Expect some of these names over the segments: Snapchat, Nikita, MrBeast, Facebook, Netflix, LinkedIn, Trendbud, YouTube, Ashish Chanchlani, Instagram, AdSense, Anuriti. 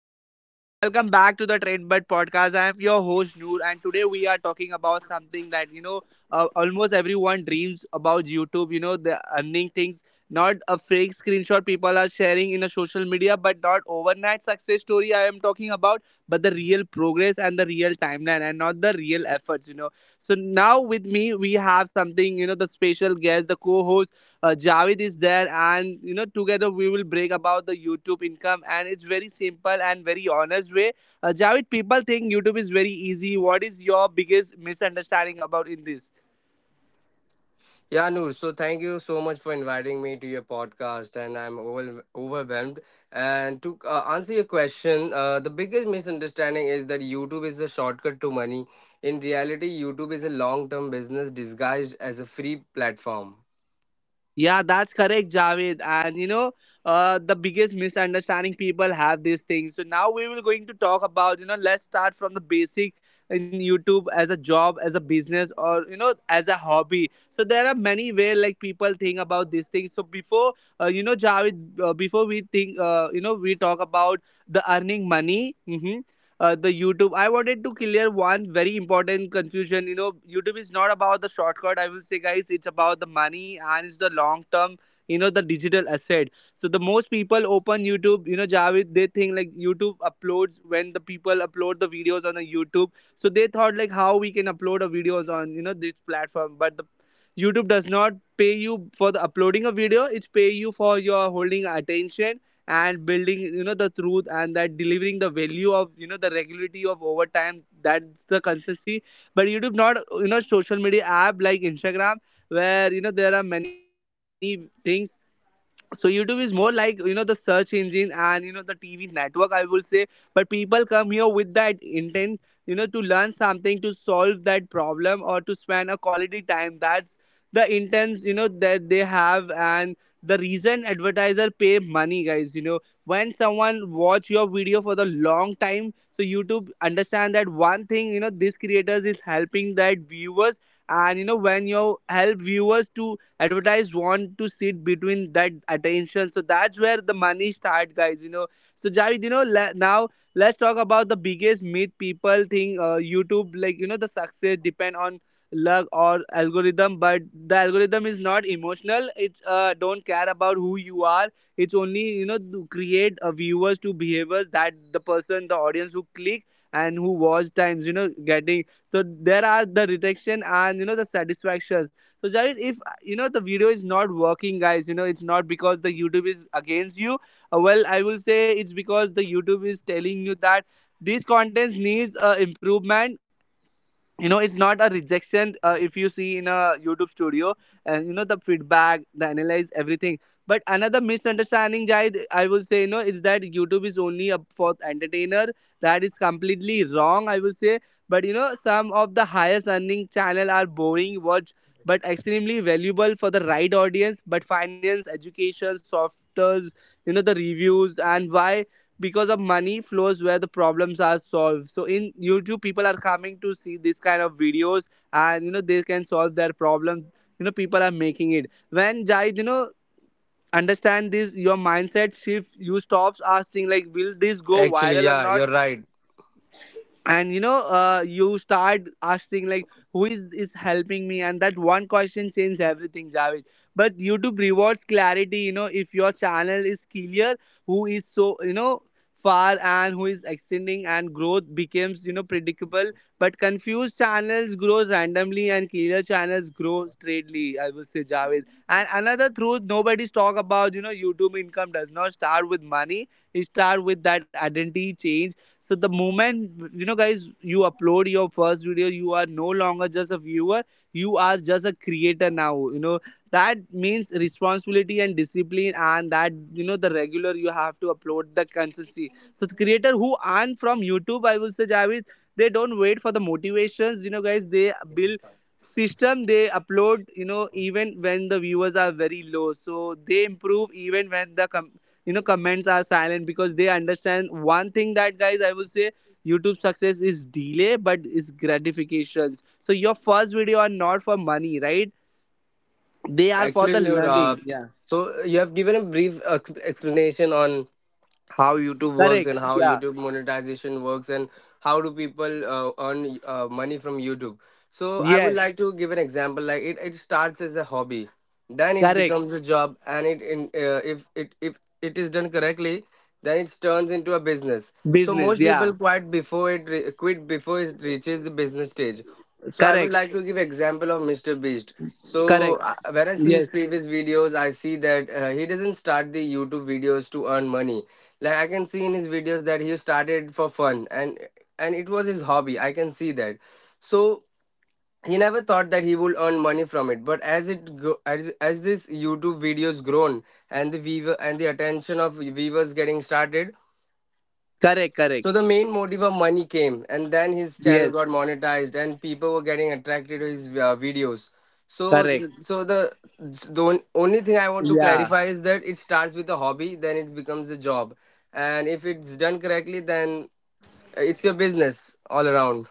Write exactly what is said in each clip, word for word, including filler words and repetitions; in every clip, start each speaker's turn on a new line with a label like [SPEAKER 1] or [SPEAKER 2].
[SPEAKER 1] Hello everyone, welcome back to the Trendbud podcast. I am your host Noor, and today we are talking about something that you know uh, almost everyone dreams about YouTube. You know the earning things, not a fake screenshot people are sharing in a social media, but not overnight success story. I am talking about, but the real progress and the real timeline, and not the real efforts. You know. So now with me we have something you know the special guest, the co-host uh, Javid is there, and you know together we will break about the YouTube income, and it's very simple and very honest way. Uh, Javid, people think YouTube is very easy. What is your biggest misunderstanding about in this?
[SPEAKER 2] Yeah, Noor. So thank you so much for inviting me to your podcast, and I'm over- overwhelmed. And to uh, answer your question, uh, the biggest misunderstanding is that YouTube is a shortcut to money. In reality, YouTube is a long-term business disguised as a free platform.
[SPEAKER 1] Yeah, that's correct, Javed. And you know, uh, the biggest misunderstanding people have these things. So now we will going to talk about you know, let's start from the basic in YouTube as a job, as a business, or you know, as a hobby. So there are many way like people think about these things. So before uh, you know, Javed, uh, before we think, uh, you know, we talk about the earning money. mhm, uh, the YouTube. I wanted to clear one very important confusion. You know, YouTube is not about the shortcut. I will say, guys, it's about the money and it's the long term. You know, the digital asset. So the most people open YouTube. You know, Javid, they think like YouTube uploads when the people upload the videos on the YouTube. So they thought like how we can upload a videos on you know this platform, but the YouTube does not pay you for the uploading a video. It's pay you for your holding attention and building you know the truth and that delivering the value of you know the regularity of over time. That's the consistency, but YouTube not you know social media app like Instagram, where you know there are many things. So YouTube is more like you know the search engine and you know the TV network, I will say. But people come here with that intent, you know, to learn something, to solve that problem, or to spend a quality time. That's the intents you know that they have. And the reason advertiser pay money, guys, you know, when someone watch your video for the long time, so YouTube understand that one thing, you know, these creators is helping that viewers. And you know when you help viewers to advertisers want to sit between that attention, so that's where the money start, guys, you know. So jared you know le- now let's talk about the biggest myth people think uh, YouTube like you know the success depend on luck or algorithm. But the algorithm is not emotional. It uh, don't care about who you are. It's only you know to create a viewers to behaviors, that the person the audience who click and who watch times you know getting. So there are the retention and you know the satisfaction. So Shahid, if you know the video is not working, guys, you know it's not because the YouTube is against you. Uh, well, I will say it's because the YouTube is telling you that these contents needs uh, improvement. You know it's not a rejection. Uh, if you see in a YouTube studio, and you know the feedback, the analyze, everything. But another misunderstanding, Jai, I will say, you know, is that YouTube is only a for entertainer. That is completely wrong, I will say. But you know some of the highest earning channel are boring watch but extremely valuable for the right audience, but finance, education, softwares, you know, the reviews. And why? Because of money flows where the problems are solved. So in YouTube people are coming to see this kind of videos, and you know they can solve their problems. You know, people are making it when Jai you know understand this, your mindset shifts. You stops asking like, will this go
[SPEAKER 2] Actually,
[SPEAKER 1] viral or
[SPEAKER 2] yeah,
[SPEAKER 1] not?
[SPEAKER 2] you're right.
[SPEAKER 1] And you know uh, you start asking like who is is helping me, and that one question changes everything, Javed. But YouTube rewards clarity. You know, if your channel is clear who is so you know far and who is extending, and growth becomes you know predictable. But confused channels grow randomly and clear channels grow straightly, I would say, Javed. And another truth nobody's talk about, you know, YouTube income does not start with money. It start with that identity change. So the moment, you know, guys, you upload your first video, you are no longer just a viewer. You are just a creator now, you know. That means responsibility and discipline, and that you know the regular you have to upload the consistency. So the creator who earn from YouTube, I will say, Javed, they don't wait for the motivations, you know, guys. They build system. They upload you know even when the viewers are very low, so they improve even when the com- you know comments are silent, because they understand one thing, that guys, I would say, YouTube success is delay but it's gratifications. So your first video are not for money, right? They are for
[SPEAKER 2] Actually,
[SPEAKER 1] the
[SPEAKER 2] Noor. Uh,
[SPEAKER 1] learning. Yeah.
[SPEAKER 2] so you have given a brief ex- explanation on how YouTube works
[SPEAKER 1] Correct.
[SPEAKER 2] and how
[SPEAKER 1] Yeah.
[SPEAKER 2] YouTube monetization works and how do people uh, earn uh, money from YouTube. So I would
[SPEAKER 1] Yes.
[SPEAKER 2] like to give an example. Like it, it starts as a hobby, then it
[SPEAKER 1] Correct.
[SPEAKER 2] becomes a job, and it in uh, if it if it is done correctly, then it turns into a business. So
[SPEAKER 1] Business,
[SPEAKER 2] most people
[SPEAKER 1] yeah.
[SPEAKER 2] quit before it re- quit before it reaches the business stage. So I would
[SPEAKER 1] Correct.
[SPEAKER 2] like to give example of mister Beast. So
[SPEAKER 1] Correct.
[SPEAKER 2] uh, when I see his
[SPEAKER 1] Yes.
[SPEAKER 2] previous videos, I see that uh, he doesn't start the YouTube videos to earn money like I can see in his videos that he started for fun and and it was his hobby. I can see that. So he never thought that he would earn money from it, but as it go, as, as this YouTube videos grown and the viewer and the attention of viewers getting started,
[SPEAKER 1] Correct.
[SPEAKER 2] so
[SPEAKER 1] Correct.
[SPEAKER 2] the main motive of money came, and then his channel
[SPEAKER 1] Yes.
[SPEAKER 2] got monetized, and people were getting attracted to his uh, videos. So,
[SPEAKER 1] Correct.
[SPEAKER 2] so the the on- only thing I want to
[SPEAKER 1] Yeah.
[SPEAKER 2] clarify is that it starts with a hobby, then it becomes a job, and if it's done correctly, then it's your business all around.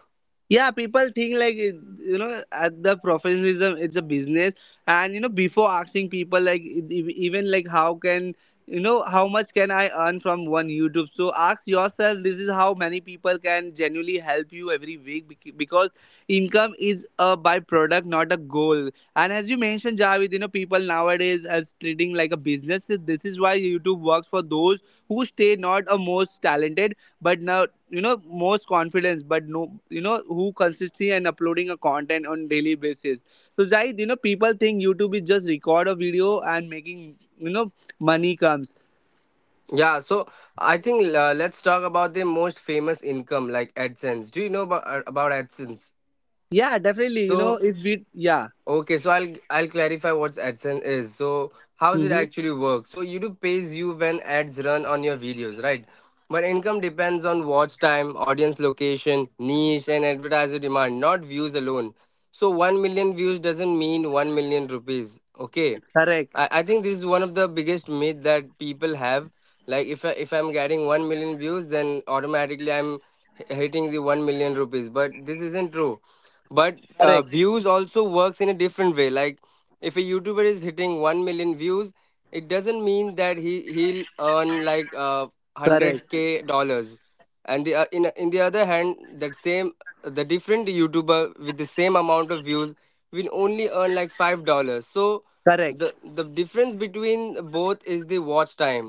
[SPEAKER 1] Yeah, people think like you know at the professionalism it's a business. And you know before asking people like e- e- even like how can you know how much can I earn from one YouTube, so ask yourself this is how many people can genuinely help you every week, bec- because income is a byproduct, not a goal. And as you mentioned, Javid, you know people nowadays as treating like a business. This is why YouTube works for those who stay, not a most talented, but now you know most confidence, but no you know who consistently and uploading a content on daily basis. So Zaid, you know people think YouTube is just record a video and making you know money comes.
[SPEAKER 2] Yeah. So I think uh, let's talk about the most famous income, like AdSense. Do you know about about AdSense?
[SPEAKER 1] Yeah, definitely, you know,
[SPEAKER 2] So.
[SPEAKER 1] if we, yeah.
[SPEAKER 2] Okay, so I'll I'll clarify what AdSense is. So how does it
[SPEAKER 1] Mm-hmm.
[SPEAKER 2] actually work? So YouTube pays you when ads run on your videos, right? But income depends on watch time, audience location, niche, and advertiser demand, not views alone. So one million views doesn't mean one million rupees. Okay.
[SPEAKER 1] Correct.
[SPEAKER 2] I, I think this is one of the biggest myth that people have. Like if I, if I'm getting one million views, then automatically I'm h- hitting the one million rupees. But this isn't true. But uh,
[SPEAKER 1] Correct.
[SPEAKER 2] views also works in a different way. Like if a YouTuber is hitting one million views, it doesn't mean that he he'll earn like uh
[SPEAKER 1] Correct.
[SPEAKER 2] hundred k dollars. And the uh, in in the other hand, that same the different YouTuber with the same amount of views will only earn like five dollars. So
[SPEAKER 1] Correct.
[SPEAKER 2] the the difference between both is the watch time.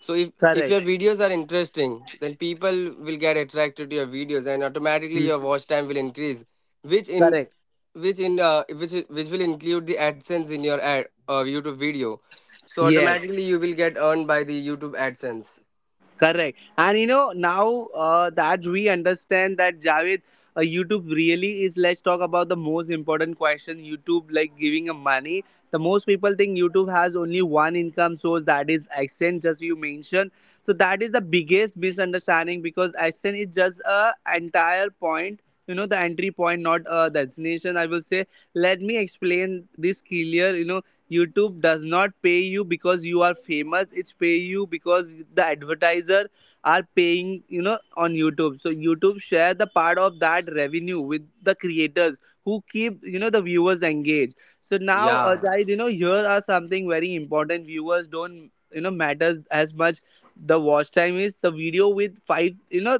[SPEAKER 2] So if if your
[SPEAKER 1] Correct.
[SPEAKER 2] videos are interesting, then people will get attracted to your videos and automatically your
[SPEAKER 1] Mhm.
[SPEAKER 2] watch time will increase, which in
[SPEAKER 1] Correct.
[SPEAKER 2] which in uh, which which will include the AdSense in your ad, uh, YouTube video. So
[SPEAKER 1] Yes.
[SPEAKER 2] automatically you will get earned by the YouTube AdSense.
[SPEAKER 1] Correct. And you know, now uh, that we understand that, Javed, uh, YouTube really is, let's talk about the most important question YouTube, like giving a money. The most people think YouTube has only one income source, that is AdSense, just you mentioned. So that is the biggest misunderstanding because AdSense is just a entire point, you know, the entry point, not a destination. I will say, let me explain this clear, you know, YouTube does not pay you because you are famous. It's pay you because the advertiser are paying, you know, on YouTube. So YouTube share the part of that revenue with the creators who keep, you know, the viewers engaged. So now, uh,
[SPEAKER 2] Yeah.
[SPEAKER 1] guys, you know, here are something very important. Viewers don't, you know, matters as much. The watch time is the video with five, you know,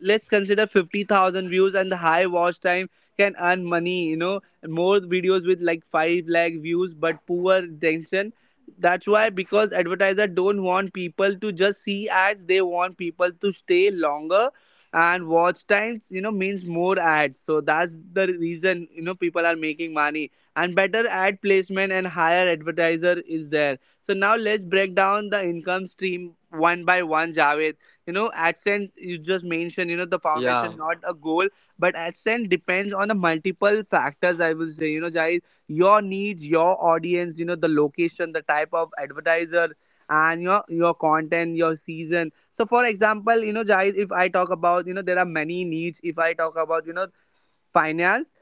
[SPEAKER 1] let's consider fifty thousand views and the high watch time can earn money, you know, more videos with like five lakh views but poor attention. That's why, because advertiser don't want people to just see ads. They want people to stay longer, and watch times you know means more ads. So that's the reason you know people are making money, and better ad placement and higher advertiser is there. So now let's break down the income stream one by one, Javed. You know, AdSense you just mentioned, you know, the
[SPEAKER 2] Yeah.
[SPEAKER 1] foundation, not a goal. But AdSense depends on the multiple factors. I will say, you know, Jai, your needs, your audience, you know, the location, the type of advertiser, and your your content, your season. So, for example, you know, Jai, if I talk about, you know, there are many needs. If I talk about, you know, finance,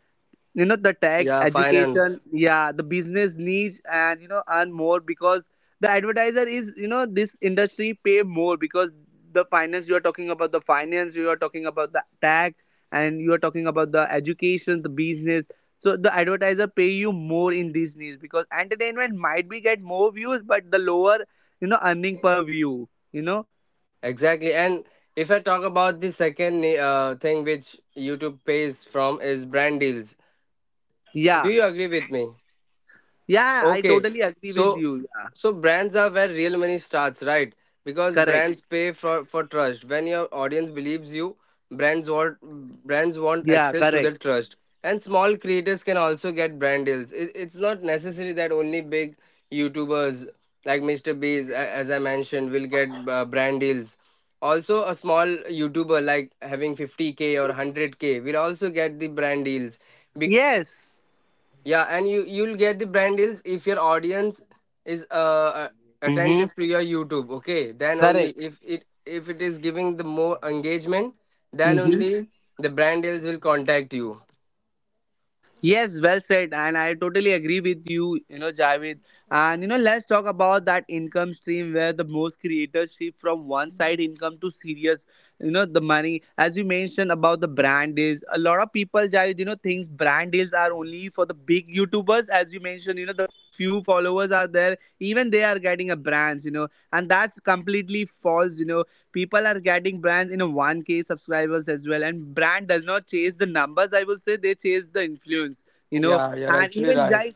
[SPEAKER 1] you know the tag,
[SPEAKER 2] Yeah.
[SPEAKER 1] education,
[SPEAKER 2] Finance.
[SPEAKER 1] yeah, the business needs, and you know earn more, because the advertiser is you know this industry pay more, because the finance you are talking about, the finance you are talking about, the tag, and you are talking about the education, the business. So the advertiser pay you more in these needs, because entertainment might be get more views, but the lower you know earning per view, you know.
[SPEAKER 2] Exactly. And if I talk about the second uh, thing which YouTube pays from is brand deals.
[SPEAKER 1] Yeah.
[SPEAKER 2] Do you agree with me?
[SPEAKER 1] Yeah, I
[SPEAKER 2] Okay.
[SPEAKER 1] totally agree with
[SPEAKER 2] So
[SPEAKER 1] you, yeah.
[SPEAKER 2] so brands are where real money starts, right? Because
[SPEAKER 1] Correct.
[SPEAKER 2] brands pay for for trust. When your audience believes you, brands want brands want
[SPEAKER 1] Yeah.
[SPEAKER 2] access to
[SPEAKER 1] Correct.
[SPEAKER 2] that trust. And small creators can also get brand deals. It, it's not necessary that only big YouTubers like mister Beast, a- as I mentioned, will get uh, brand deals. Also, a small YouTuber like having fifty k or hundred k will also get the brand deals.
[SPEAKER 1] Yes.
[SPEAKER 2] Yeah, and you you'll get the brand deals if your audience is uh uh,
[SPEAKER 1] Mm-hmm.
[SPEAKER 2] attentive to your YouTube. Okay, then only
[SPEAKER 1] Correct.
[SPEAKER 2] if it if it is giving the more engagement, then
[SPEAKER 1] Hmm.
[SPEAKER 2] only the brand deals will contact you.
[SPEAKER 1] Yes, well said, and I totally agree with you, you know, Javed. And you know, let's talk about that income stream where the most creators shift from one side income to serious, you know, the money. As you mentioned about the brand deals, a lot of people, Javed, you know, thinks brand deals are only for the big YouTubers. As you mentioned, you know, the few followers are there, even they are getting a brand, you know, and that's completely false, you know. People are getting brands in one k subscribers as well, and brand does not chase the numbers, I will say. They chase the influence, you know.
[SPEAKER 2] Yeah, you're
[SPEAKER 1] And
[SPEAKER 2] actually
[SPEAKER 1] even
[SPEAKER 2] right.
[SPEAKER 1] guys,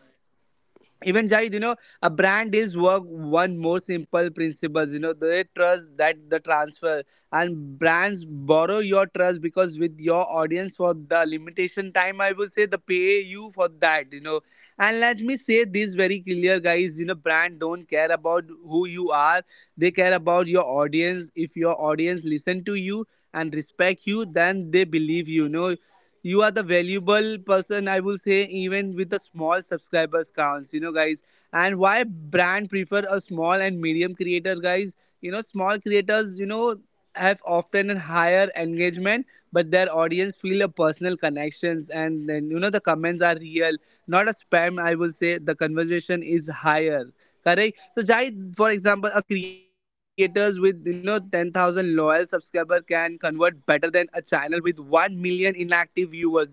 [SPEAKER 1] even Jahid, you know, a brand deals work one more simple principles. You know, they trust that the transfer, and brands borrow your trust because with your audience for the limitation time, I will say the pay you for that. You know, and let me say this very clear, guys. You know, brand don't care about who you are; they care about your audience. If your audience listen to you and respect you, then they believe you. You know, you are the valuable person, I will say, even with the small subscribers counts, you know, guys. And why brand prefer a small and medium creator, guys? You know, small creators, you know, have often a higher engagement, but their audience feel a personal connections, and then, you know, the comments are real, not a spam. I will say the conversation is higher. Correct. So, Jai, for example, a creators with, you know, ten thousand loyal subscriber can convert better than a channel with one million inactive viewers, you know.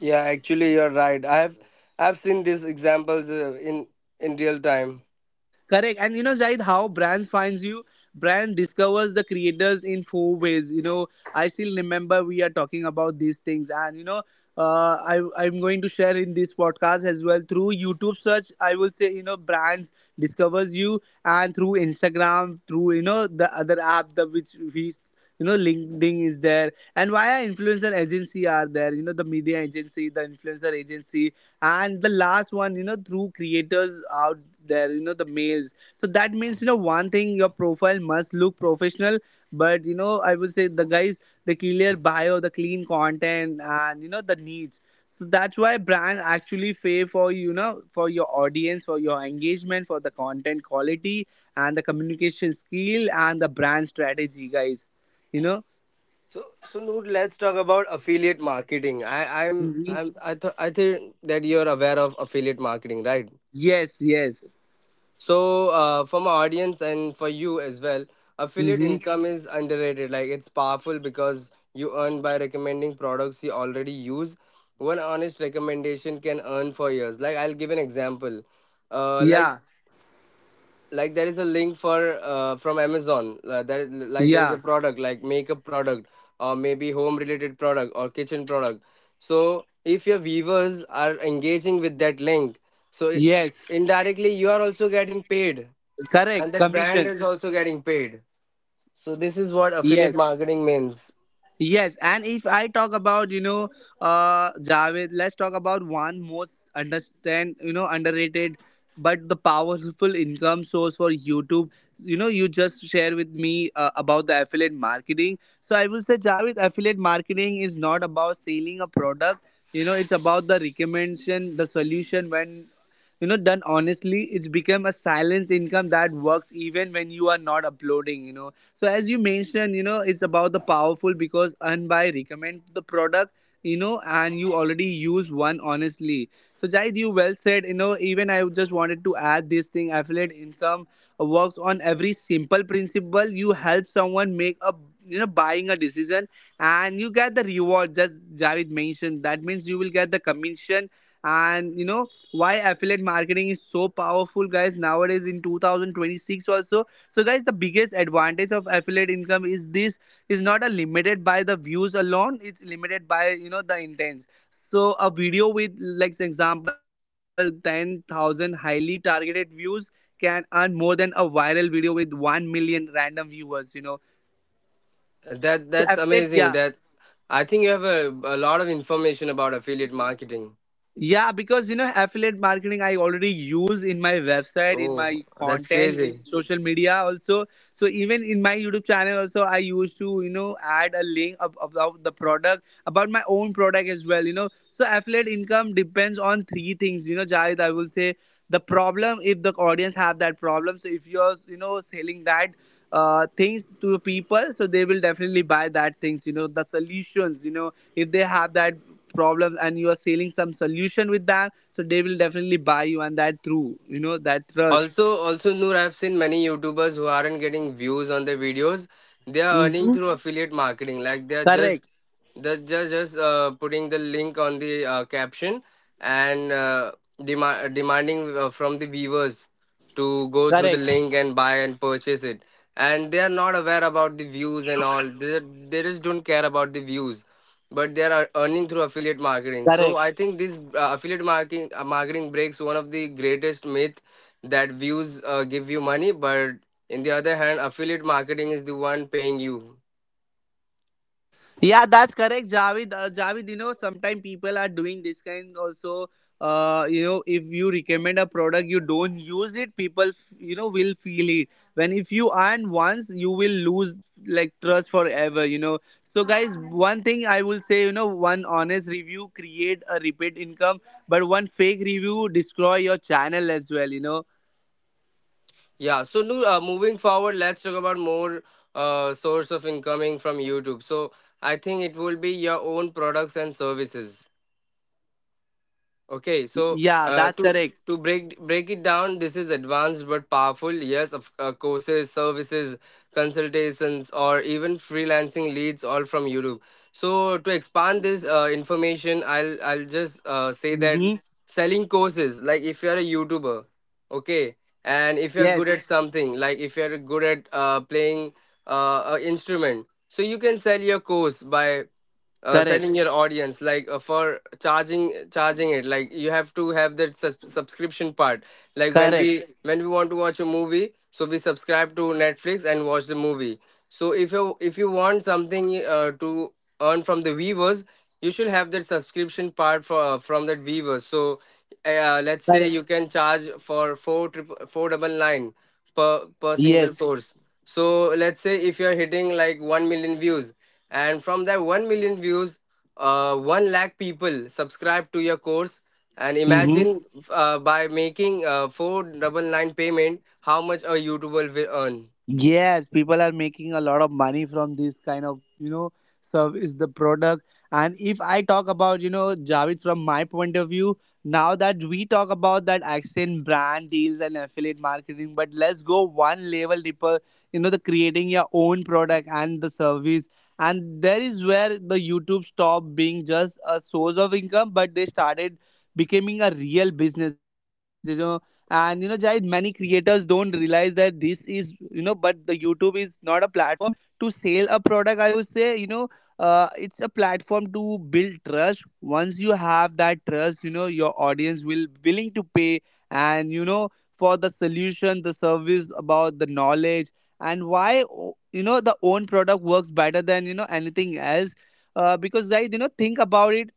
[SPEAKER 2] Yeah, actually you're right. I have I've seen these examples uh, in in real time.
[SPEAKER 1] Correct. And you know, Jahid, how brands finds you? Brand discovers the creators in four ways. You know, I still remember we are talking about these things, and you know, uh, I I'm going to share in this podcast as well through YouTube search. I will say, you know, brands discovers you, and through Instagram, through, you know, the other app, the which we, you know, LinkedIn is there, and via influencer agency are there, you know, the media agency, the influencer agency, and the last one, you know, through creators out there, you know, the males. So that means, you know, one thing, your profile must look professional. But you know, I would say, the guys, the clear bio, the clean content, and you know, the needs. So that's why brand actually pay for, you know, for your audience, for your engagement, for the content quality, and the communication skill, and the brand strategy, guys, you know.
[SPEAKER 2] So so Noor, let's talk about affiliate marketing. I I'm
[SPEAKER 1] Mhm.
[SPEAKER 2] I'm I th- I think that you're aware of affiliate marketing, right?
[SPEAKER 1] Yes, yes.
[SPEAKER 2] So, uh, for my audience and for you as well,
[SPEAKER 1] Hmm.
[SPEAKER 2] affiliate income is underrated. Like it's powerful because you earn by recommending products you already use. One honest recommendation can earn for years. Like I'll give an example. Uh, like
[SPEAKER 1] Yeah,
[SPEAKER 2] like there is a link for uh, from Amazon. Uh, there like there is a
[SPEAKER 1] yeah.
[SPEAKER 2] product like makeup product, or maybe home related product or kitchen product. So if your viewers are engaging with that link, so i-
[SPEAKER 1] Yes.
[SPEAKER 2] indirectly you are also getting paid,
[SPEAKER 1] Correct,
[SPEAKER 2] and that brand
[SPEAKER 1] commission.
[SPEAKER 2] is also getting paid. So this is what affiliate
[SPEAKER 1] Yes,
[SPEAKER 2] marketing means.
[SPEAKER 1] yes. And if I talk about, you know, uh, Javed, let's talk about one most understand, you know, underrated but the powerful income source for YouTube. You know, you just share with me uh, about the affiliate marketing. So I will say, Javed, affiliate marketing is not about selling a product. You know, it's about the recommendation, the solution. When, you know, done honestly, it's become a silent income that works even when you are not uploading, you know. So as you mentioned, you know, it's about the powerful because earn by recommend the product, you know, and you already use one honestly. So, Jaid, you well said, you know. Even I just wanted to add this thing, affiliate income works on every simple principle. You help someone make a, you know, buying a decision, and you get the reward, just Javid mentioned. That means you will get the commission. And you know, why affiliate marketing is so powerful, guys, nowadays in two thousand twenty-six also? So guys, the biggest advantage of affiliate income is this is not a limited by the views alone, it's limited by, you know, the intent. So a video with like, for example, ten thousand highly targeted views can earn more than a viral video with one million random viewers, you know. So
[SPEAKER 2] That that's
[SPEAKER 1] affiliate, yeah.
[SPEAKER 2] amazing that I think you have a, a lot of information about affiliate marketing.
[SPEAKER 1] Yeah, because you know, affiliate marketing I already use in my website, in
[SPEAKER 2] Oh,
[SPEAKER 1] my
[SPEAKER 2] that's
[SPEAKER 1] content, in
[SPEAKER 2] crazy.
[SPEAKER 1] social media also. So even in my YouTube channel also, I used to, you know, add a link ab- about the product, about my own product as well. You know, so affiliate income depends on three things. You know, Jared, I will say, the problem, if the audience have that problem. So if you're, you know, selling that uh, things to the people, so they will definitely buy that things, you know, the solutions. You know, if they have that problem and you are selling some solution with them, so they will definitely buy you, and that through, you know, that trust.
[SPEAKER 2] Also, also Noor, I've seen many YouTubers who aren't getting views on their videos. They are earning
[SPEAKER 1] Hmm.
[SPEAKER 2] through affiliate marketing. Like they are
[SPEAKER 1] Correct.
[SPEAKER 2] just they're just just uh, putting the link on the uh, caption and uh, dema- demanding uh, from the viewers to go through the
[SPEAKER 1] Correct.
[SPEAKER 2] link and buy and purchase it. And they are not aware about the views and all. They, they just don't care about the views, but they are earning through affiliate marketing. So
[SPEAKER 1] Correct.
[SPEAKER 2] I think this uh, affiliate marketing uh, marketing breaks one of the greatest myth that views uh, give you money, but in the other hand affiliate marketing is the one paying you.
[SPEAKER 1] Yeah, that's correct, Javid. Uh, Javid, you know, sometimes people are doing this kind also. Uh, you know, if you recommend a product, you don't use it, people, you know, will feel it. When if you earn once, you will lose like trust forever, you know. So, guys, one thing I will say, you know, one honest review create a repeat income, but one fake review destroy your channel as well, you know.
[SPEAKER 2] Yeah, so Noor, uh, moving forward, let's talk about more uh, source of incoming from YouTube. So I think it will be your own products and services. Okay, so
[SPEAKER 1] Yeah,
[SPEAKER 2] uh,
[SPEAKER 1] that's
[SPEAKER 2] to
[SPEAKER 1] correct.
[SPEAKER 2] to break break it down, this is advanced but powerful. Yes, of uh, courses, services, consultations, or even freelancing leads, all from YouTube. So to expand this uh, information, I'll I'll just uh, say that
[SPEAKER 1] Mm-hmm.
[SPEAKER 2] selling courses, like if you're a YouTuber, okay, and if you're good at
[SPEAKER 1] Yes,
[SPEAKER 2] something, like if you're good at uh, playing uh, an instrument, so you can sell your course by uh,
[SPEAKER 1] correct,
[SPEAKER 2] selling your audience like uh, for charging charging it. Like you have to have that sus- subscription part, like when
[SPEAKER 1] correct,
[SPEAKER 2] we when we want to watch a movie, so we subscribe to Netflix and watch the movie. So if you if you want something uh, to earn from the viewers, you should have that subscription part for from that viewers. So uh, let's say
[SPEAKER 1] correct.
[SPEAKER 2] you can charge for four triple four double nine per per single
[SPEAKER 1] Yes.
[SPEAKER 2] post. So let's say if you're hitting like one million views, and from that one million views uh, one lakh people subscribe to your course. And
[SPEAKER 1] Mm-hmm.
[SPEAKER 2] imagine uh, by making uh, four ninety-nine payment how much a YouTuber will earn.
[SPEAKER 1] Yes, people are making a lot of money from this kind of, you know, service, the product. And if I talk about, you know, Javed, from my point of view, now that we talk about that accent brand deals and affiliate marketing, but let's go one level deeper, you know, the creating your own product and the service. And there is where the YouTube stopped being just a source of income, but they started becoming a real business. You know, and you know, Jai, many creators don't realize that this is, you know, but the YouTube is not a platform to sell a product, I would say, you know. Uh, it's a platform to build trust. Once you have that trust, you know, your audience will willing to pay, and you know, for the solution, the service, about the knowledge. And why o- you know, the own product works better than, you know, anything else. Uh, because right, you know, think about it.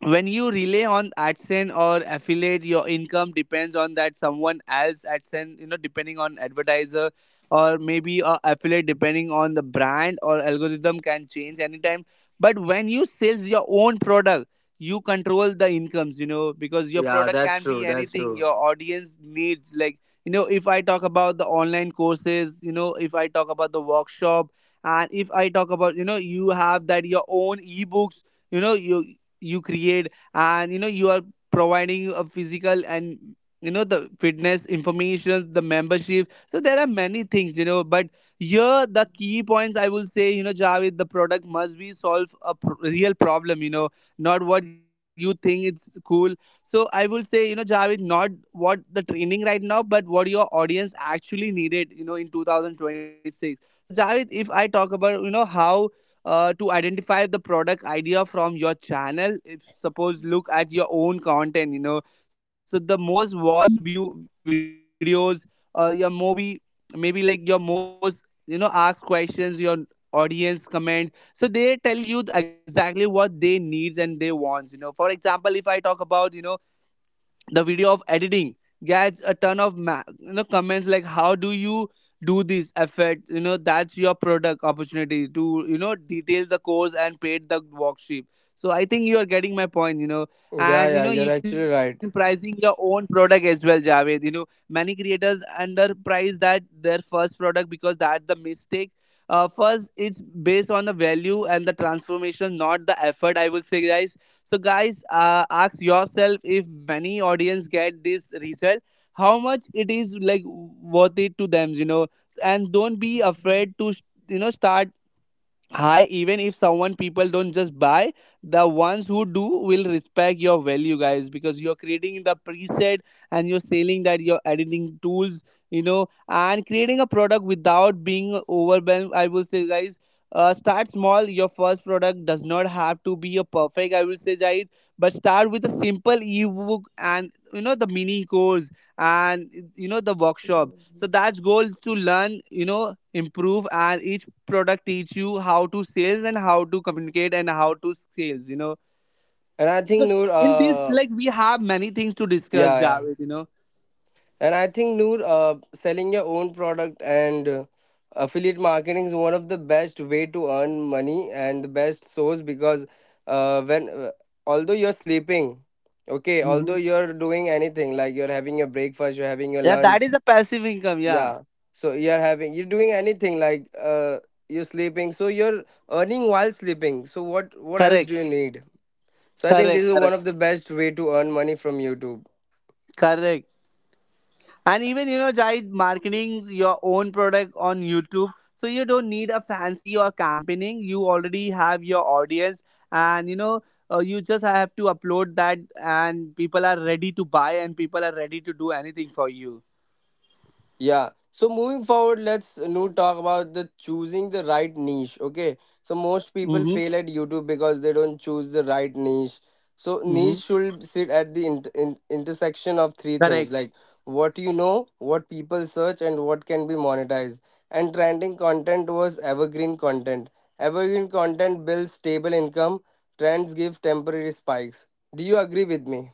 [SPEAKER 1] When you rely on AdSense or affiliate, your income depends on that someone else AdSense, you know, depending on advertiser, or maybe a affiliate depending on the brand, or algorithm can change anytime. But when you sells your own product, you control the incomes, you know, because your
[SPEAKER 2] Yeah,
[SPEAKER 1] product
[SPEAKER 2] that's
[SPEAKER 1] can
[SPEAKER 2] true.
[SPEAKER 1] be
[SPEAKER 2] That's
[SPEAKER 1] anything
[SPEAKER 2] true.
[SPEAKER 1] your audience needs. Like, you know, if I talk about the online courses, you know, if I talk about the workshop, and if I talk about, you know, you have that your own ebooks, you know, you you create, and you know, you are providing a physical, and you know, the fitness information, the membership, so there are many things, you know. But here the key points, I will say, you know, Javed, the product must be solve a pr- real problem, you know, not what you think it's cool. So I will say, you know, Javed, not what the training right now, but what your audience actually needed, you know, in two thousand twenty-six. So, Javed, if I talk about, you know, how uh, to identify the product idea from your channel, if suppose look at your own content, you know, so the most watched view videos, uh, your maybe, maybe like, your most, you know, ask questions, your audience comment, so they tell you th- exactly what they needs and they wants, you know. For example, if I talk about, you know, the video of editing gets a ton of ma- you know, comments like, how do you do this effort, you know? That's your product opportunity to, you know, detail the course and paid the worksheet. So I think you are getting my point, you know.
[SPEAKER 2] Yeah,
[SPEAKER 1] And you
[SPEAKER 2] yeah,
[SPEAKER 1] know,
[SPEAKER 2] you're
[SPEAKER 1] you can
[SPEAKER 2] actually right.
[SPEAKER 1] pricing your own product as well, Javed. You know, many creators underprice that their first product, because that's the mistake. Uh, first, it's based on the value and the transformation, not the effort, I will say, guys. So guys, uh, ask yourself, if many audience get this result, how much it is like worth it to them, you know? And don't be afraid to, you know, start high. Even if someone people don't just buy, the ones who do will respect your value, guys, because you're creating the preset and you're selling that you're editing tools, you know. And creating a product without being overwhelmed, I will say, guys, uh, start small. Your first product does not have to be a perfect, I will say, guys, but start with a simple ebook, and you know, the mini course, and you know, the workshop. So that's goal is to learn, you know, improve, and each product teach you how to sales and how to communicate and how to sales, you know.
[SPEAKER 2] And I
[SPEAKER 1] So
[SPEAKER 2] think Noor,
[SPEAKER 1] in this,
[SPEAKER 2] uh,
[SPEAKER 1] like, we have many things to discuss,
[SPEAKER 2] yeah, yeah.
[SPEAKER 1] Javed, you know.
[SPEAKER 2] And I think Noor, uh, selling your own product and uh, affiliate marketing is one of the best way to earn money and the best source because uh, when uh, although you're sleeping, okay, although
[SPEAKER 1] Mhm.
[SPEAKER 2] you're doing anything like you're having your breakfast, you're having your
[SPEAKER 1] Yeah, that
[SPEAKER 2] lunch,
[SPEAKER 1] is a passive income, yeah.
[SPEAKER 2] yeah. So you're having you're doing anything like uh, you're sleeping, so you're earning while sleeping. So what what else
[SPEAKER 1] Correct,
[SPEAKER 2] do you need? So I think this
[SPEAKER 1] correct,
[SPEAKER 2] is one
[SPEAKER 1] correct.
[SPEAKER 2] of the best way to earn money from YouTube.
[SPEAKER 1] Correct. And even you know, Jai, marketing your own product on YouTube, so you don't need a fancy or campaigning. You already have your audience, and you know, uh, you just have to upload that, and people are ready to buy, and people are ready to do anything for you.
[SPEAKER 2] Yeah. So moving forward, let's now talk about the choosing the right niche. Okay. So most
[SPEAKER 1] Mm-hmm.
[SPEAKER 2] people fail at YouTube because they don't choose the right niche. So
[SPEAKER 1] Mm-hmm.
[SPEAKER 2] niche should sit at the in in- intersection of three things
[SPEAKER 1] Correct.
[SPEAKER 2] like what you know, what people search, and what can be monetized. And trending content was evergreen content. Evergreen content builds stable income. Trends give temporary spikes. Do you agree with me?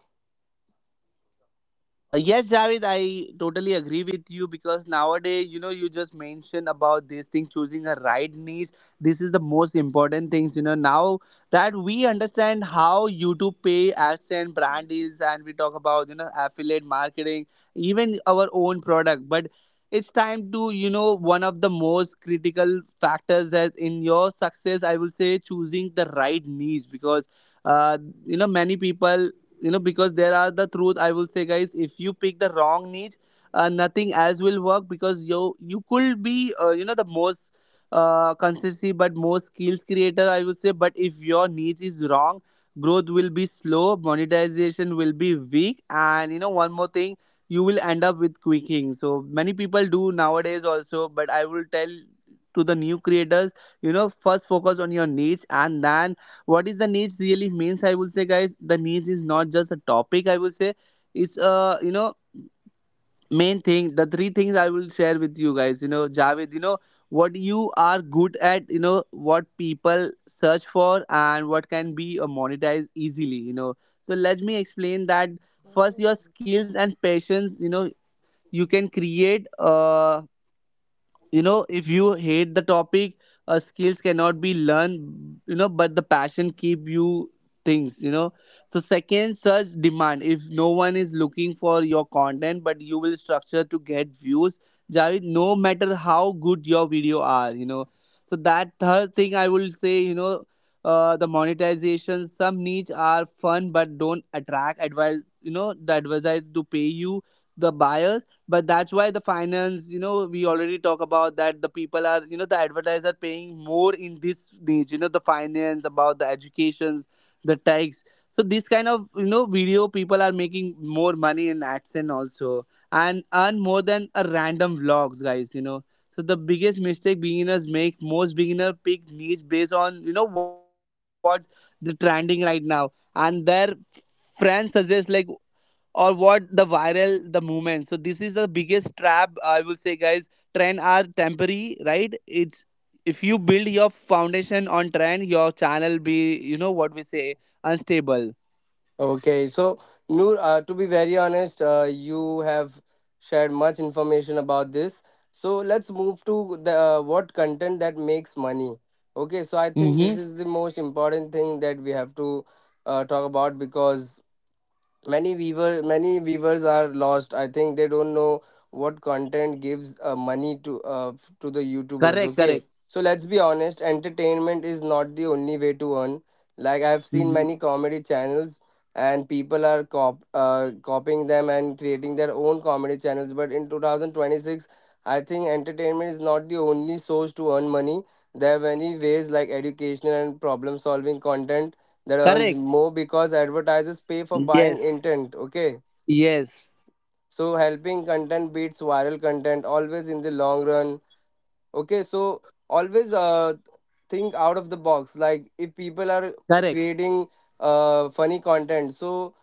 [SPEAKER 1] Uh, yes, Javed, I totally agree with you, because nowadays, you know, you just mentioned about this thing, choosing a right niche. This is the most important things, you know. Now that we understand how YouTube pay, AdSense, brand is, and we talk about you know affiliate marketing, even our own product. But it's time to you know one of the most critical factors that in your success, I will say, choosing the right niche because uh, you know many people you know because there are the truth I will say, guys, if you pick the wrong niche, uh, nothing else will work because you you could be uh, you know the most uh, consistency but most skills creator I will say. But if your niche is wrong, growth will be slow, monetization will be weak, and you know one more thing, you will end up with quicking. So many people do nowadays also, but I will tell to the new creators, you know, first focus on your niche. And then what is the niche really means? I will say, guys, the niche is not just a topic, I will say. It's a, you know, main thing. The three things I will share with you guys, you know, Javed, you know, what you are good at, you know, what people search for, and what can be uh, monetized easily, you know. So let me explain that. First, your skills and passions, you know, you can create uh you know, if you hate the topic, uh, skills cannot be learned, you know, but the passion keep you things, you know. So second, search demand. If no one is looking for your content, but you will structure to get views, Javid, no matter how good your video are, you know. So that third thing I will say, you know, uh, the monetization. Some niche are fun but don't attract advice, you know, the advisor to pay you, the buyer. But that's why the finance, you know, we already talk about that. The people are, you know, the advertiser paying more in this niche, you know, the finance about the educations, the tax. So this kind of, you know, video people are making more money in AdSense also, and earn more than a random vlogs, guys, you know. So the biggest mistake beginners make, most beginner pick niche based on, you know, what's the trending right now, and their friends suggest, like, or what the viral the movement. So this is the biggest trap I will say, guys. Trend are temporary, right? It's if you build your foundation on trend, your channel be, you know what we say, unstable.
[SPEAKER 2] Okay, so Noor, uh, to be very honest, uh, you have shared much information about this. So let's move to the uh, what content that makes money. Okay, so I
[SPEAKER 1] Mm-hmm.
[SPEAKER 2] think this is the most important thing that we have to uh, talk about because many weaver many weavers are lost. I think they don't know what content gives uh, money to uh, f- to the
[SPEAKER 1] Correct,
[SPEAKER 2] YouTubers.
[SPEAKER 1] correct.
[SPEAKER 2] Okay, so let's be honest, entertainment is not the only way to earn. Like, I've seen
[SPEAKER 1] Mhm.
[SPEAKER 2] many comedy channels and people are cop uh, copying them and creating their own comedy channels, but in two thousand twenty-six I think entertainment is not the only source to earn money. There are many ways, like educational and problem solving content that earns
[SPEAKER 1] Correct,
[SPEAKER 2] more because advertisers pay for buying
[SPEAKER 1] yes,
[SPEAKER 2] intent. Okay,
[SPEAKER 1] yes.
[SPEAKER 2] so helping content beats viral content always in the long run. Okay, so always uh think out of the box. Like, if
[SPEAKER 1] Correct,
[SPEAKER 2] people are creating uh funny content, so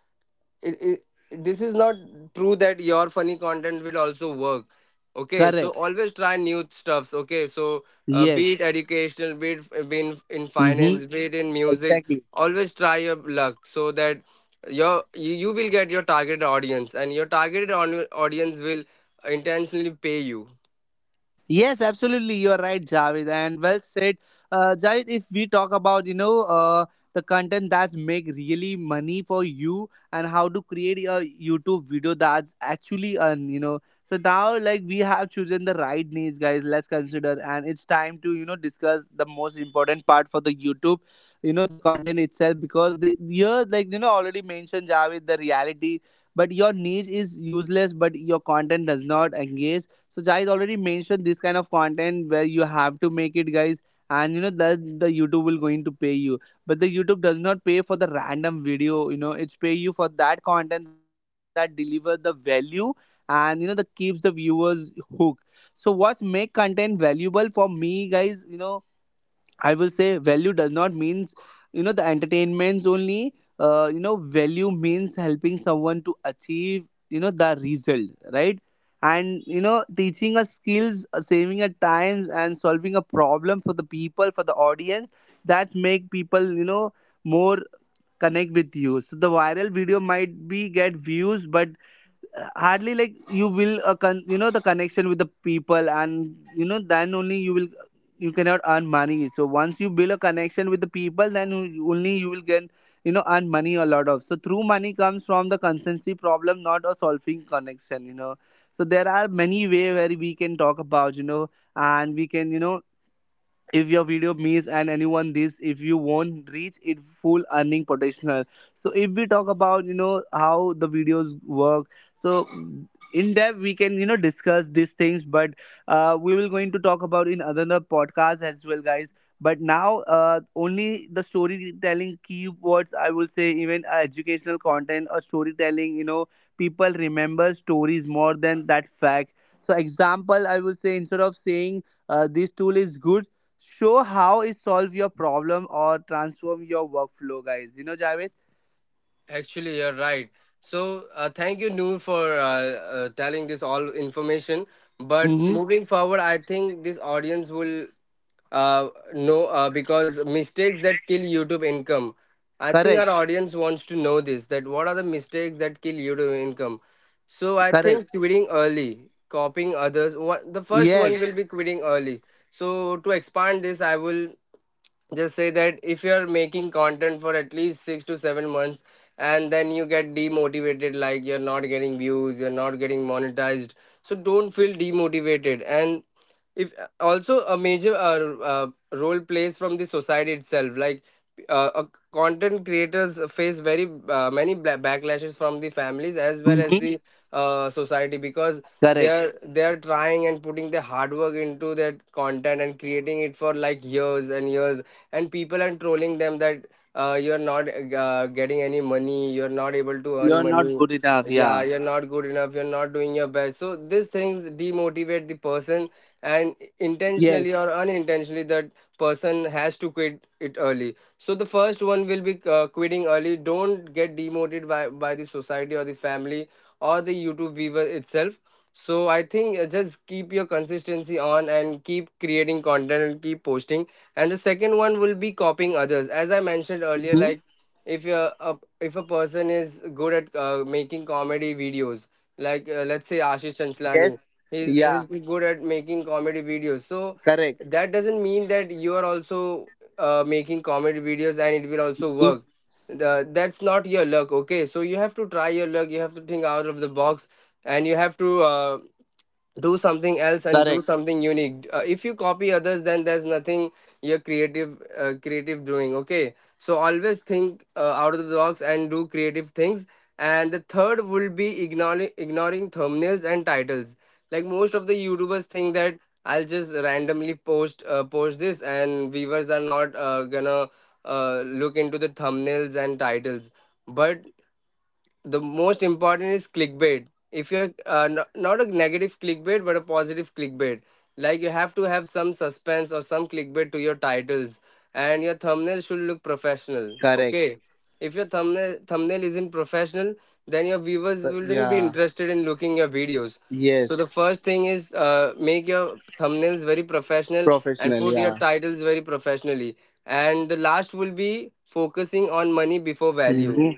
[SPEAKER 2] it, it, this is not true that your funny content will also work. Okay,
[SPEAKER 1] correct,
[SPEAKER 2] so always try new stuffs. Okay, so uh, be it
[SPEAKER 1] yes.
[SPEAKER 2] educational, be it be in, in
[SPEAKER 1] Mm-hmm.
[SPEAKER 2] finance, be it in music,
[SPEAKER 1] Exactly.
[SPEAKER 2] always try your luck so that your you, you will get your targeted audience, and your targeted on, audience will intentionally pay you.
[SPEAKER 1] Yes, absolutely. You are right, Javed, and well said, uh, Javed. If we talk about, you know, uh, the content that make really money for you and how to create a YouTube video that's actually earn, you know. So now, like we have chosen the right niche, guys. Let's consider, and it's time to, you know, discuss the most important part for the YouTube, you know, the content itself because the here, like, you know, already mentioned, Javed, the reality. But your niche is useless, but your content does not engage. So guys, already mentioned this kind of content where you have to make it, guys, and you know that the YouTube will going to pay you. But the YouTube does not pay for the random video, you know. It's pay you for that content that deliver the value, and you know that keeps the viewers hooked. So what make content valuable for me, guys, you know, I will say value does not means, you know, the entertainments only. Uh, you know, value means helping someone to achieve, you know, the result, right? And you know, teaching us skills, uh, saving at times, and solving a problem for the people, for the audience, that make people, you know, more connect with you. So the viral video might be get views, but hardly like you will uh, con- you know, the connection with the people, and you know then only you will, you cannot earn money. So once you build a connection with the people, then you- only you will get, you know, earn money a lot of. So through money comes from the consistency problem, not a solving connection, you know. So there are many way where we can talk about, you know, and we can, you know, if your video miss and anyone this, if you won't reach it full earning potential. So if we talk about, you know, how the videos work, so in depth we can, you know, discuss these things. But uh, we will going to talk about in another podcast as well, guys. But now uh, only the storytelling keywords, I will say, even uh, educational content or storytelling, you know, people remember stories more than that fact. So example I will say, instead of saying uh, this tool is good, show how it solve your problem or transform your workflow, guys, you know, Javed.
[SPEAKER 2] Actually, you're right. So uh, thank you, Noor, for uh, uh, telling this all information. But
[SPEAKER 1] Mm-hmm.
[SPEAKER 2] moving forward, I think this audience will Uh, no, uh, because mistakes that kill YouTube income. I think
[SPEAKER 1] Correct,
[SPEAKER 2] our audience wants to know this, that what are the mistakes that kill YouTube income? So I
[SPEAKER 1] correct,
[SPEAKER 2] think quitting early, copying others. What, the first one will
[SPEAKER 1] yes.
[SPEAKER 2] be quitting early. So to expand this, I will just say that if you're making content for at least six to seven months and then you get demotivated, like you're not getting views, you're not getting monetized. So don't feel demotivated. And if also a major uh, uh, role plays from the society itself, like, uh, uh, content creators face very uh, many bla- backlashes from the families as well as
[SPEAKER 1] Mm-hmm.
[SPEAKER 2] the uh, society because they are
[SPEAKER 1] Correct.
[SPEAKER 2] they are trying and putting their hard work into their content and creating it for like years and years, and people are trolling them that uh, you're not uh, getting any money, you're not able to earn
[SPEAKER 1] You're not
[SPEAKER 2] money.
[SPEAKER 1] good enough,
[SPEAKER 2] Yeah,
[SPEAKER 1] yeah.
[SPEAKER 2] you're not good enough, you're not doing your best. So these things demotivate the person, and intentionally
[SPEAKER 1] Yes.
[SPEAKER 2] or unintentionally that person has to quit it early. So the first one will be uh, quitting early. Don't get demoted by by the society or the family or the YouTube viewer itself. So I think uh, just keep your consistency on and keep creating content and keep posting. And the second one will be copying others, as I mentioned earlier.
[SPEAKER 1] Mm-hmm.
[SPEAKER 2] Like, if you're a, if a person is good at uh, making comedy videos, like, uh, let's say Ashish Chanchlani,
[SPEAKER 1] Yes,
[SPEAKER 2] he's
[SPEAKER 1] yeah,
[SPEAKER 2] he's good at making comedy videos. So
[SPEAKER 1] correct.
[SPEAKER 2] that doesn't mean that you are also uh, making comedy videos and it will also
[SPEAKER 1] Mm-hmm.
[SPEAKER 2] work. The, that's not your luck. Okay, so you have to try your luck, you have to think out of the box, and you have to uh, do something else and do
[SPEAKER 1] Correct.
[SPEAKER 2] something unique. Uh, if you copy others, then there's nothing you're creative. Uh, creative doing. Okay, so always think uh, out of the box and do creative things. And the third will be ignoring ignoring thumbnails and titles. Like, most of the YouTubers think that I'll just randomly post uh, post this, and viewers are not uh, gonna uh, look into the thumbnails and titles. But the most important is clickbait. If you're uh, n- not a negative clickbait, but a positive clickbait. Like, you have to have some suspense or some clickbait to your titles, and your thumbnail should look professional.
[SPEAKER 1] Correct.
[SPEAKER 2] Okay, if your thumbnail thumbnail isn't professional, then your viewers
[SPEAKER 1] But
[SPEAKER 2] wouldn't be
[SPEAKER 1] yeah,
[SPEAKER 2] interested in looking your videos. So the
[SPEAKER 1] yes,
[SPEAKER 2] first thing is, uh, make your thumbnails very professional and
[SPEAKER 1] professional,
[SPEAKER 2] put your
[SPEAKER 1] yeah.
[SPEAKER 2] titles very professionally. And the last will be focusing on money before value.
[SPEAKER 1] Mm-hmm.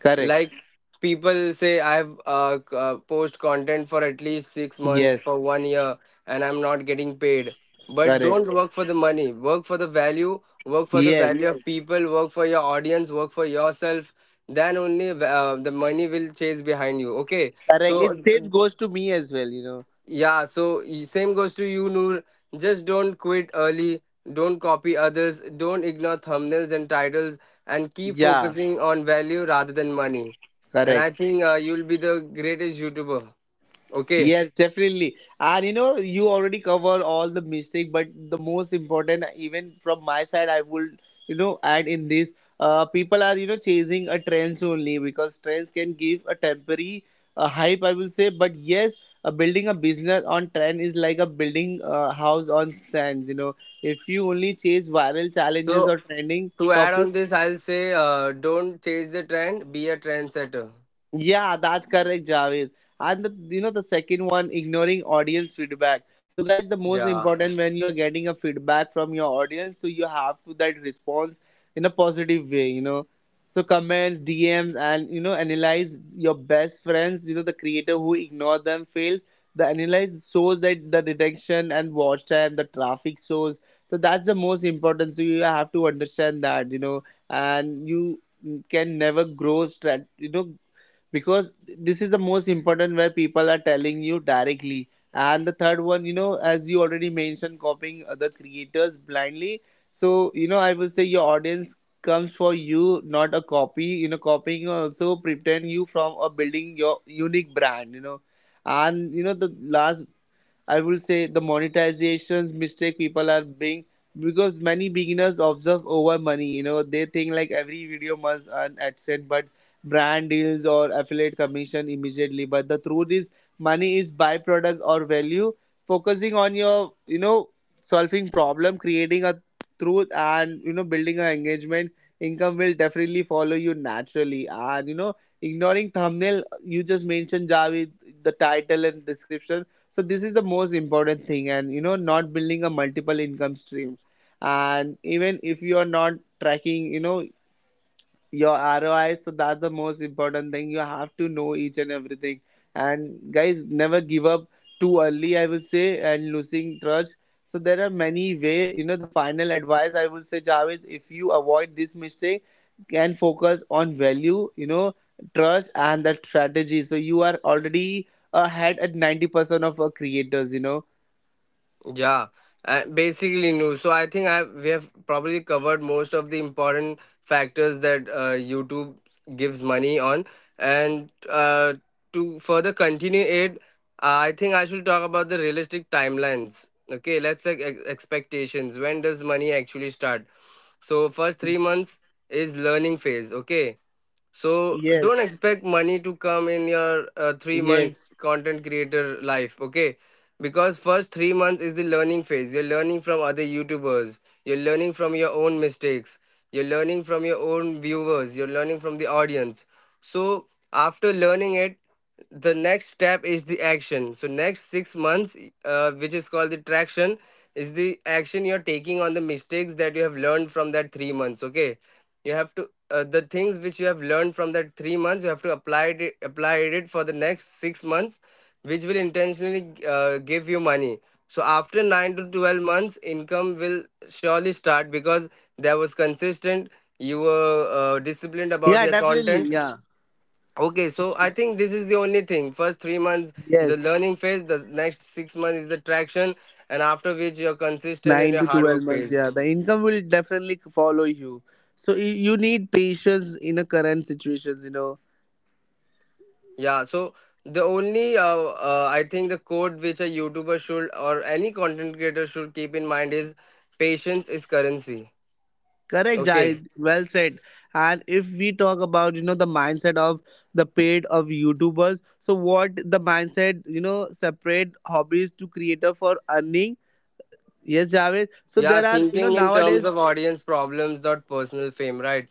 [SPEAKER 1] Correct,
[SPEAKER 2] Like, people say, I've uh, c- uh, post content for at least six months for
[SPEAKER 1] yes,
[SPEAKER 2] one year and I'm not getting paid. But
[SPEAKER 1] correct,
[SPEAKER 2] don't work for the money, work for the value, work for the value
[SPEAKER 1] yes.
[SPEAKER 2] of Yes. people, work for your audience, work for yourself. Then only uh, the money will chase behind you. Okay,
[SPEAKER 1] Correct, it
[SPEAKER 2] so
[SPEAKER 1] same goes to me as well, you know.
[SPEAKER 2] yeah, so y- same goes to you, Noor. Just don't quit early. Don't copy others. Don't ignore thumbnails and titles, and keep
[SPEAKER 1] Yeah,
[SPEAKER 2] focusing on value rather than money. And I
[SPEAKER 1] correct.
[SPEAKER 2] think uh, you'll be the greatest YouTuber. Okay.
[SPEAKER 1] Yes, definitely. And you know, you already cover all the mistake, but the most important, even from my side, I would, you know, add in this. Uh, people are, you know, chasing a trends only because trends can give a temporary uh, hype, I will say. But yes, uh, building a business on trend is like a building a house on sands. You know, if you only chase viral challenges or
[SPEAKER 2] So
[SPEAKER 1] trending
[SPEAKER 2] to add
[SPEAKER 1] topics,
[SPEAKER 2] on this, I'll say, uh, don't chase the trend. Be a trendsetter.
[SPEAKER 1] yeah, that's correct, Javed. And the, you know, the second one, ignoring audience feedback. So guys, the most
[SPEAKER 2] Yeah.
[SPEAKER 1] important when you are getting a feedback from your audience, so you have to that response in a positive way, you know. So comments, D Ms, and you know analyze your best friends. You know, the creator who ignore them fails. The analyze shows that the detection and watch time, the traffic shows. So that's the most important. So you have to understand that, you know, and you can never grow strat, you know, because this is the most important where people are telling you directly. And the third one, you know, as you already mentioned, copying other creators blindly. So you know, I will say, your audience comes for you, not a copy, you know. Copying also pretend you from a building your unique brand, you know. And you know, the last I will say, the monetizations mistake people are being because many beginners observe over money. You know, they think like every video must earn AdSense, but brand deals or affiliate commission immediately. But the truth is, money is byproduct or value. Focusing on your, you know, solving problem, creating a truth, and you know, building an engagement, income will definitely follow you naturally. And you know, ignoring thumbnail, you just mentioned, Javid, the title and description, so this is the most important thing. And you know, not building a multiple income stream, and even if you are not tracking, you know, your R O I. So that's the most important thing. You have to know each and everything. And guys, never give up too early, I will say, and losing trust. So there are many way. You know, the final advice I will say, Javed, if you avoid this mistake, can focus on value, you know, trust and that strategy. So you are already ahead at ninety percent of our creators, you know.
[SPEAKER 2] Yeah, uh, basically new. So I think I we have probably covered most of the important factors that uh, YouTube gives money on, and uh, to further continue it, uh, I think I should talk about the realistic timelines. Okay, let's say ex- expectations. When does money actually start? So first three months is learning phase. Okay, so don't
[SPEAKER 1] Yes.
[SPEAKER 2] expect money to come in your uh, three
[SPEAKER 1] Yes.
[SPEAKER 2] months content creator life, okay? Because first three months is the learning phase. You're learning from other YouTubers. You're learning from your own mistakes. You're learning from your own viewers. You're learning from the audience. So after learning it, the next step is the action. So next six months, uh, which is called the traction, is the action you're taking on the mistakes that you have learned from that three months. Okay, you have to uh, the things which you have learned from that three months you have to apply it apply it for the next six months, which will intentionally uh, give you money. So after nine to twelve months income will surely start because that was consistent, you were uh, disciplined about
[SPEAKER 1] Yeah,
[SPEAKER 2] your
[SPEAKER 1] definitely.
[SPEAKER 2] content.
[SPEAKER 1] Yeah.
[SPEAKER 2] Okay, so I think this is the only thing. First three months the
[SPEAKER 1] Yes.
[SPEAKER 2] learning phase, the next six months is the traction, and after which you're consistent in
[SPEAKER 1] Nine
[SPEAKER 2] your
[SPEAKER 1] to
[SPEAKER 2] hard
[SPEAKER 1] twelve
[SPEAKER 2] work
[SPEAKER 1] months,
[SPEAKER 2] phase.
[SPEAKER 1] yeah. The income will definitely follow you. So you, you need patience in a current situations, you know.
[SPEAKER 2] Yeah, so the only uh, uh, I think the code which a YouTuber should or any content creator should keep in mind is patience is currency.
[SPEAKER 1] Correct,
[SPEAKER 2] Okay.
[SPEAKER 1] Jai. Well said. And if we talk about, you know, the mindset of the paid of YouTubers, so what the mindset, you know, separate hobbies to creator for earning. Yes, Javed. So
[SPEAKER 2] Yeah,
[SPEAKER 1] there are, you know,
[SPEAKER 2] thinking in terms
[SPEAKER 1] nowadays,
[SPEAKER 2] of audience problems, not personal fame, right?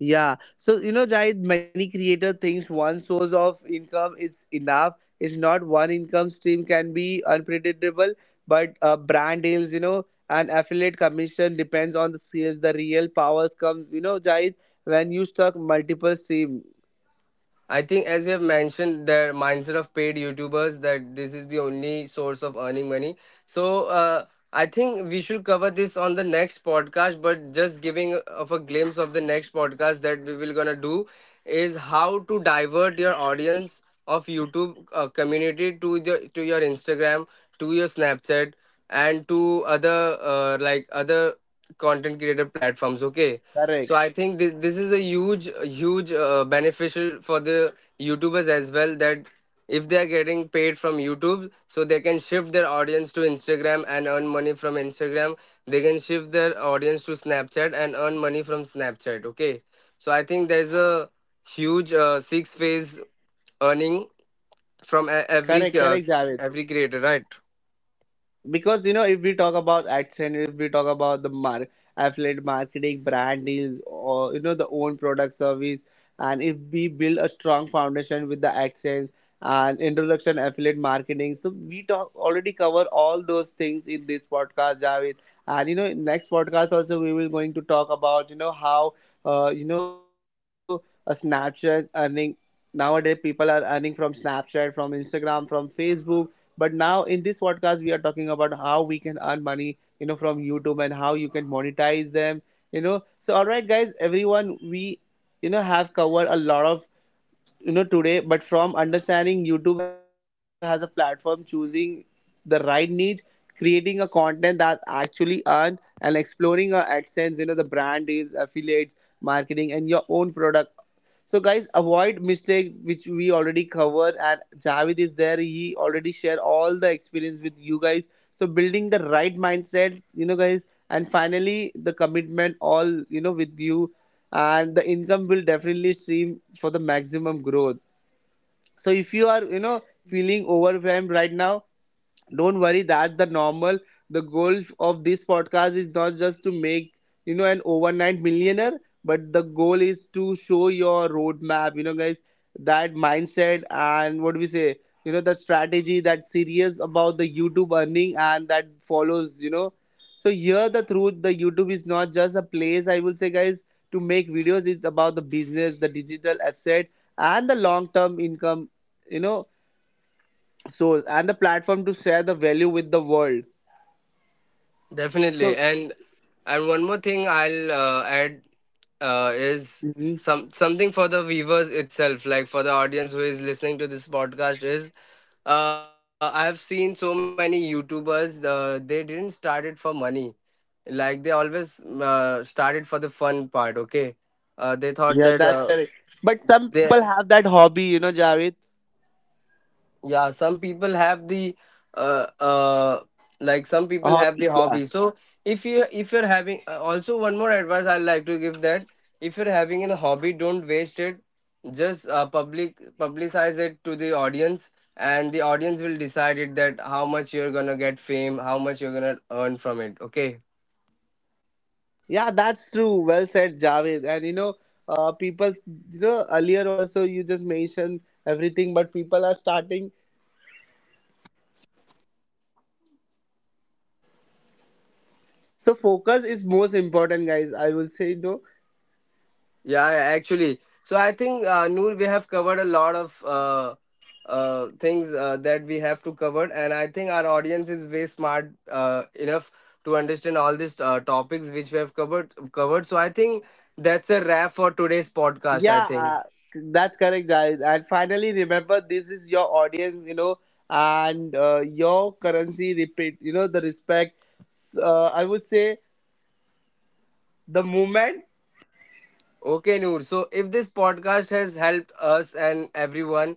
[SPEAKER 1] yeah. So you know, Jai, many creator thinks one source of income is enough. It's not, one income stream can be unpredictable, but uh, brand deals, you know, and affiliate commission depends on the sales. The real powers comes, you know, Jai, when you stuck multiple stream.
[SPEAKER 2] I think as you have mentioned the mindset of paid YouTubers, that this is the only source of earning money. So uh, I think we should cover this on the next podcast. But just giving of a glimpse of the next podcast that we will gonna do is how to divert your audience of YouTube uh, community to the to your Instagram, to your Snapchat, and to other uh, like other content creator platforms. Okay, so
[SPEAKER 1] Correct.
[SPEAKER 2] I think thi- this is a huge, huge uh, beneficial for the YouTubers as well, that if they are getting paid from YouTube, so they can shift their audience to Instagram and earn money from Instagram. They can shift their audience to Snapchat and earn money from Snapchat. Okay, so I think there's a huge uh, six phase earning from e-
[SPEAKER 1] Correct.
[SPEAKER 2] every
[SPEAKER 1] Correct,
[SPEAKER 2] uh,
[SPEAKER 1] Jai.
[SPEAKER 2] every creator, right?
[SPEAKER 1] Because you know, if we talk about action, if we talk about the mar- affiliate marketing, brand deals, or you know the own product service, and if we build a strong foundation with the AdSense and introduction affiliate marketing, so we talk already cover all those things in this podcast, Javed. And you know, in next podcast also, we will going to talk about, you know, how uh, you know a Snapchat earning. Nowadays people are earning from Snapchat, from Instagram, from Facebook. But now in this podcast, we are talking about how we can earn money, you know, from YouTube and how you can monetize them, you know. So, all right, guys, everyone, we, you know, have covered a lot of, you know, today, but from understanding YouTube has a platform, choosing the right niche, creating a content that's actually earned, and exploring uh, AdSense, you know, the brand deals, affiliates, marketing, and your own product. So guys, avoid mistake which we already covered, and Javed is there. He already shared all the experience with you guys. So building the right mindset, you know, guys, and finally the commitment all, you know, with you, and the income will definitely stream for the maximum growth. So if you are, you know, feeling overwhelmed right now, don't worry, that's the normal. The goal of this podcast is not just to make, you know, an overnight millionaire, but the goal is to show your roadmap, you know, guys, that mindset and what do we say, you know, the strategy that's serious about the YouTube earning, and that follows, you know. So here the truth, the YouTube is not just a place I will say, guys, to make videos. It's about the business, the digital asset, and the long term income, you know, source, and the platform to share the value with the world.
[SPEAKER 2] Definitely.
[SPEAKER 1] So
[SPEAKER 2] And and one more thing I'll uh, add uh, is
[SPEAKER 1] mhm.
[SPEAKER 2] some something for the viewers itself, like for the audience who is listening to this podcast, is uh, I've seen so many YouTubers, uh, they didn't start it for money. Like, they always uh, started for the fun part. Okay, uh, they thought that
[SPEAKER 1] Yeah,
[SPEAKER 2] uh,
[SPEAKER 1] that's correct, but some
[SPEAKER 2] they
[SPEAKER 1] people have that hobby, you know, Javed.
[SPEAKER 2] yeah, some people have the uh, uh like some
[SPEAKER 1] A
[SPEAKER 2] people have the
[SPEAKER 1] hobby, yeah.
[SPEAKER 2] hobby. So if you if you're having uh, also one more advice I'd like to give, that if you're having a hobby, don't waste it. Just uh, public publicize it to the audience, and the audience will decide it, that how much you're gonna get fame, how much you're gonna earn from it. Okay.
[SPEAKER 1] Yeah, that's true. Well said, Javed. And you know, uh, people, you know, earlier also you just mentioned everything, but people are starting. So focus is most important, guys. I will say, no.
[SPEAKER 2] Yeah, yeah, actually. So I think uh, Noor, we have covered a lot of uh, uh, things uh, that we have to cover, and I think our audience is way smart uh, enough to understand all these uh, topics which we have covered. Covered. So I think that's a wrap for today's podcast. I
[SPEAKER 1] Yeah,
[SPEAKER 2] think.
[SPEAKER 1] uh, that's correct, guys. And finally, remember, this is your audience, you know, and uh, your currency. Repeat, you know, the respect. S- Uh, I would say the moment.
[SPEAKER 2] Okay, Noor. So if this podcast has helped us and everyone,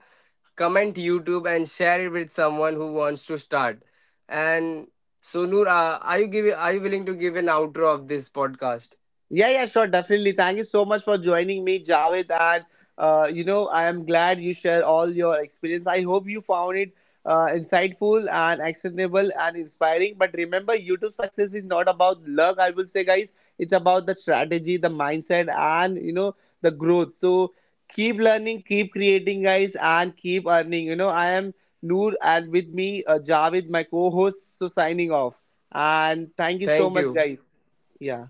[SPEAKER 2] comment YouTube and share it with someone who wants to start. And so Noor, uh, are you give are you willing to give an outro of this podcast?
[SPEAKER 1] Yeah, yeah, sure, definitely. Thank you so much for joining me, Javed. And uh, you know, I am glad you share all your experience. I hope you found it uh, insightful and actionable and inspiring. But remember, YouTube success is not about luck. I will say, guys, it's about the strategy, the mindset, and you know, the growth. So keep learning, keep creating, guys, and keep earning. You know, I am Noor, and with me, uh, Javed, my co-host. So signing off. And thank you so
[SPEAKER 2] Thank
[SPEAKER 1] much,
[SPEAKER 2] you.
[SPEAKER 1] guys. Yeah.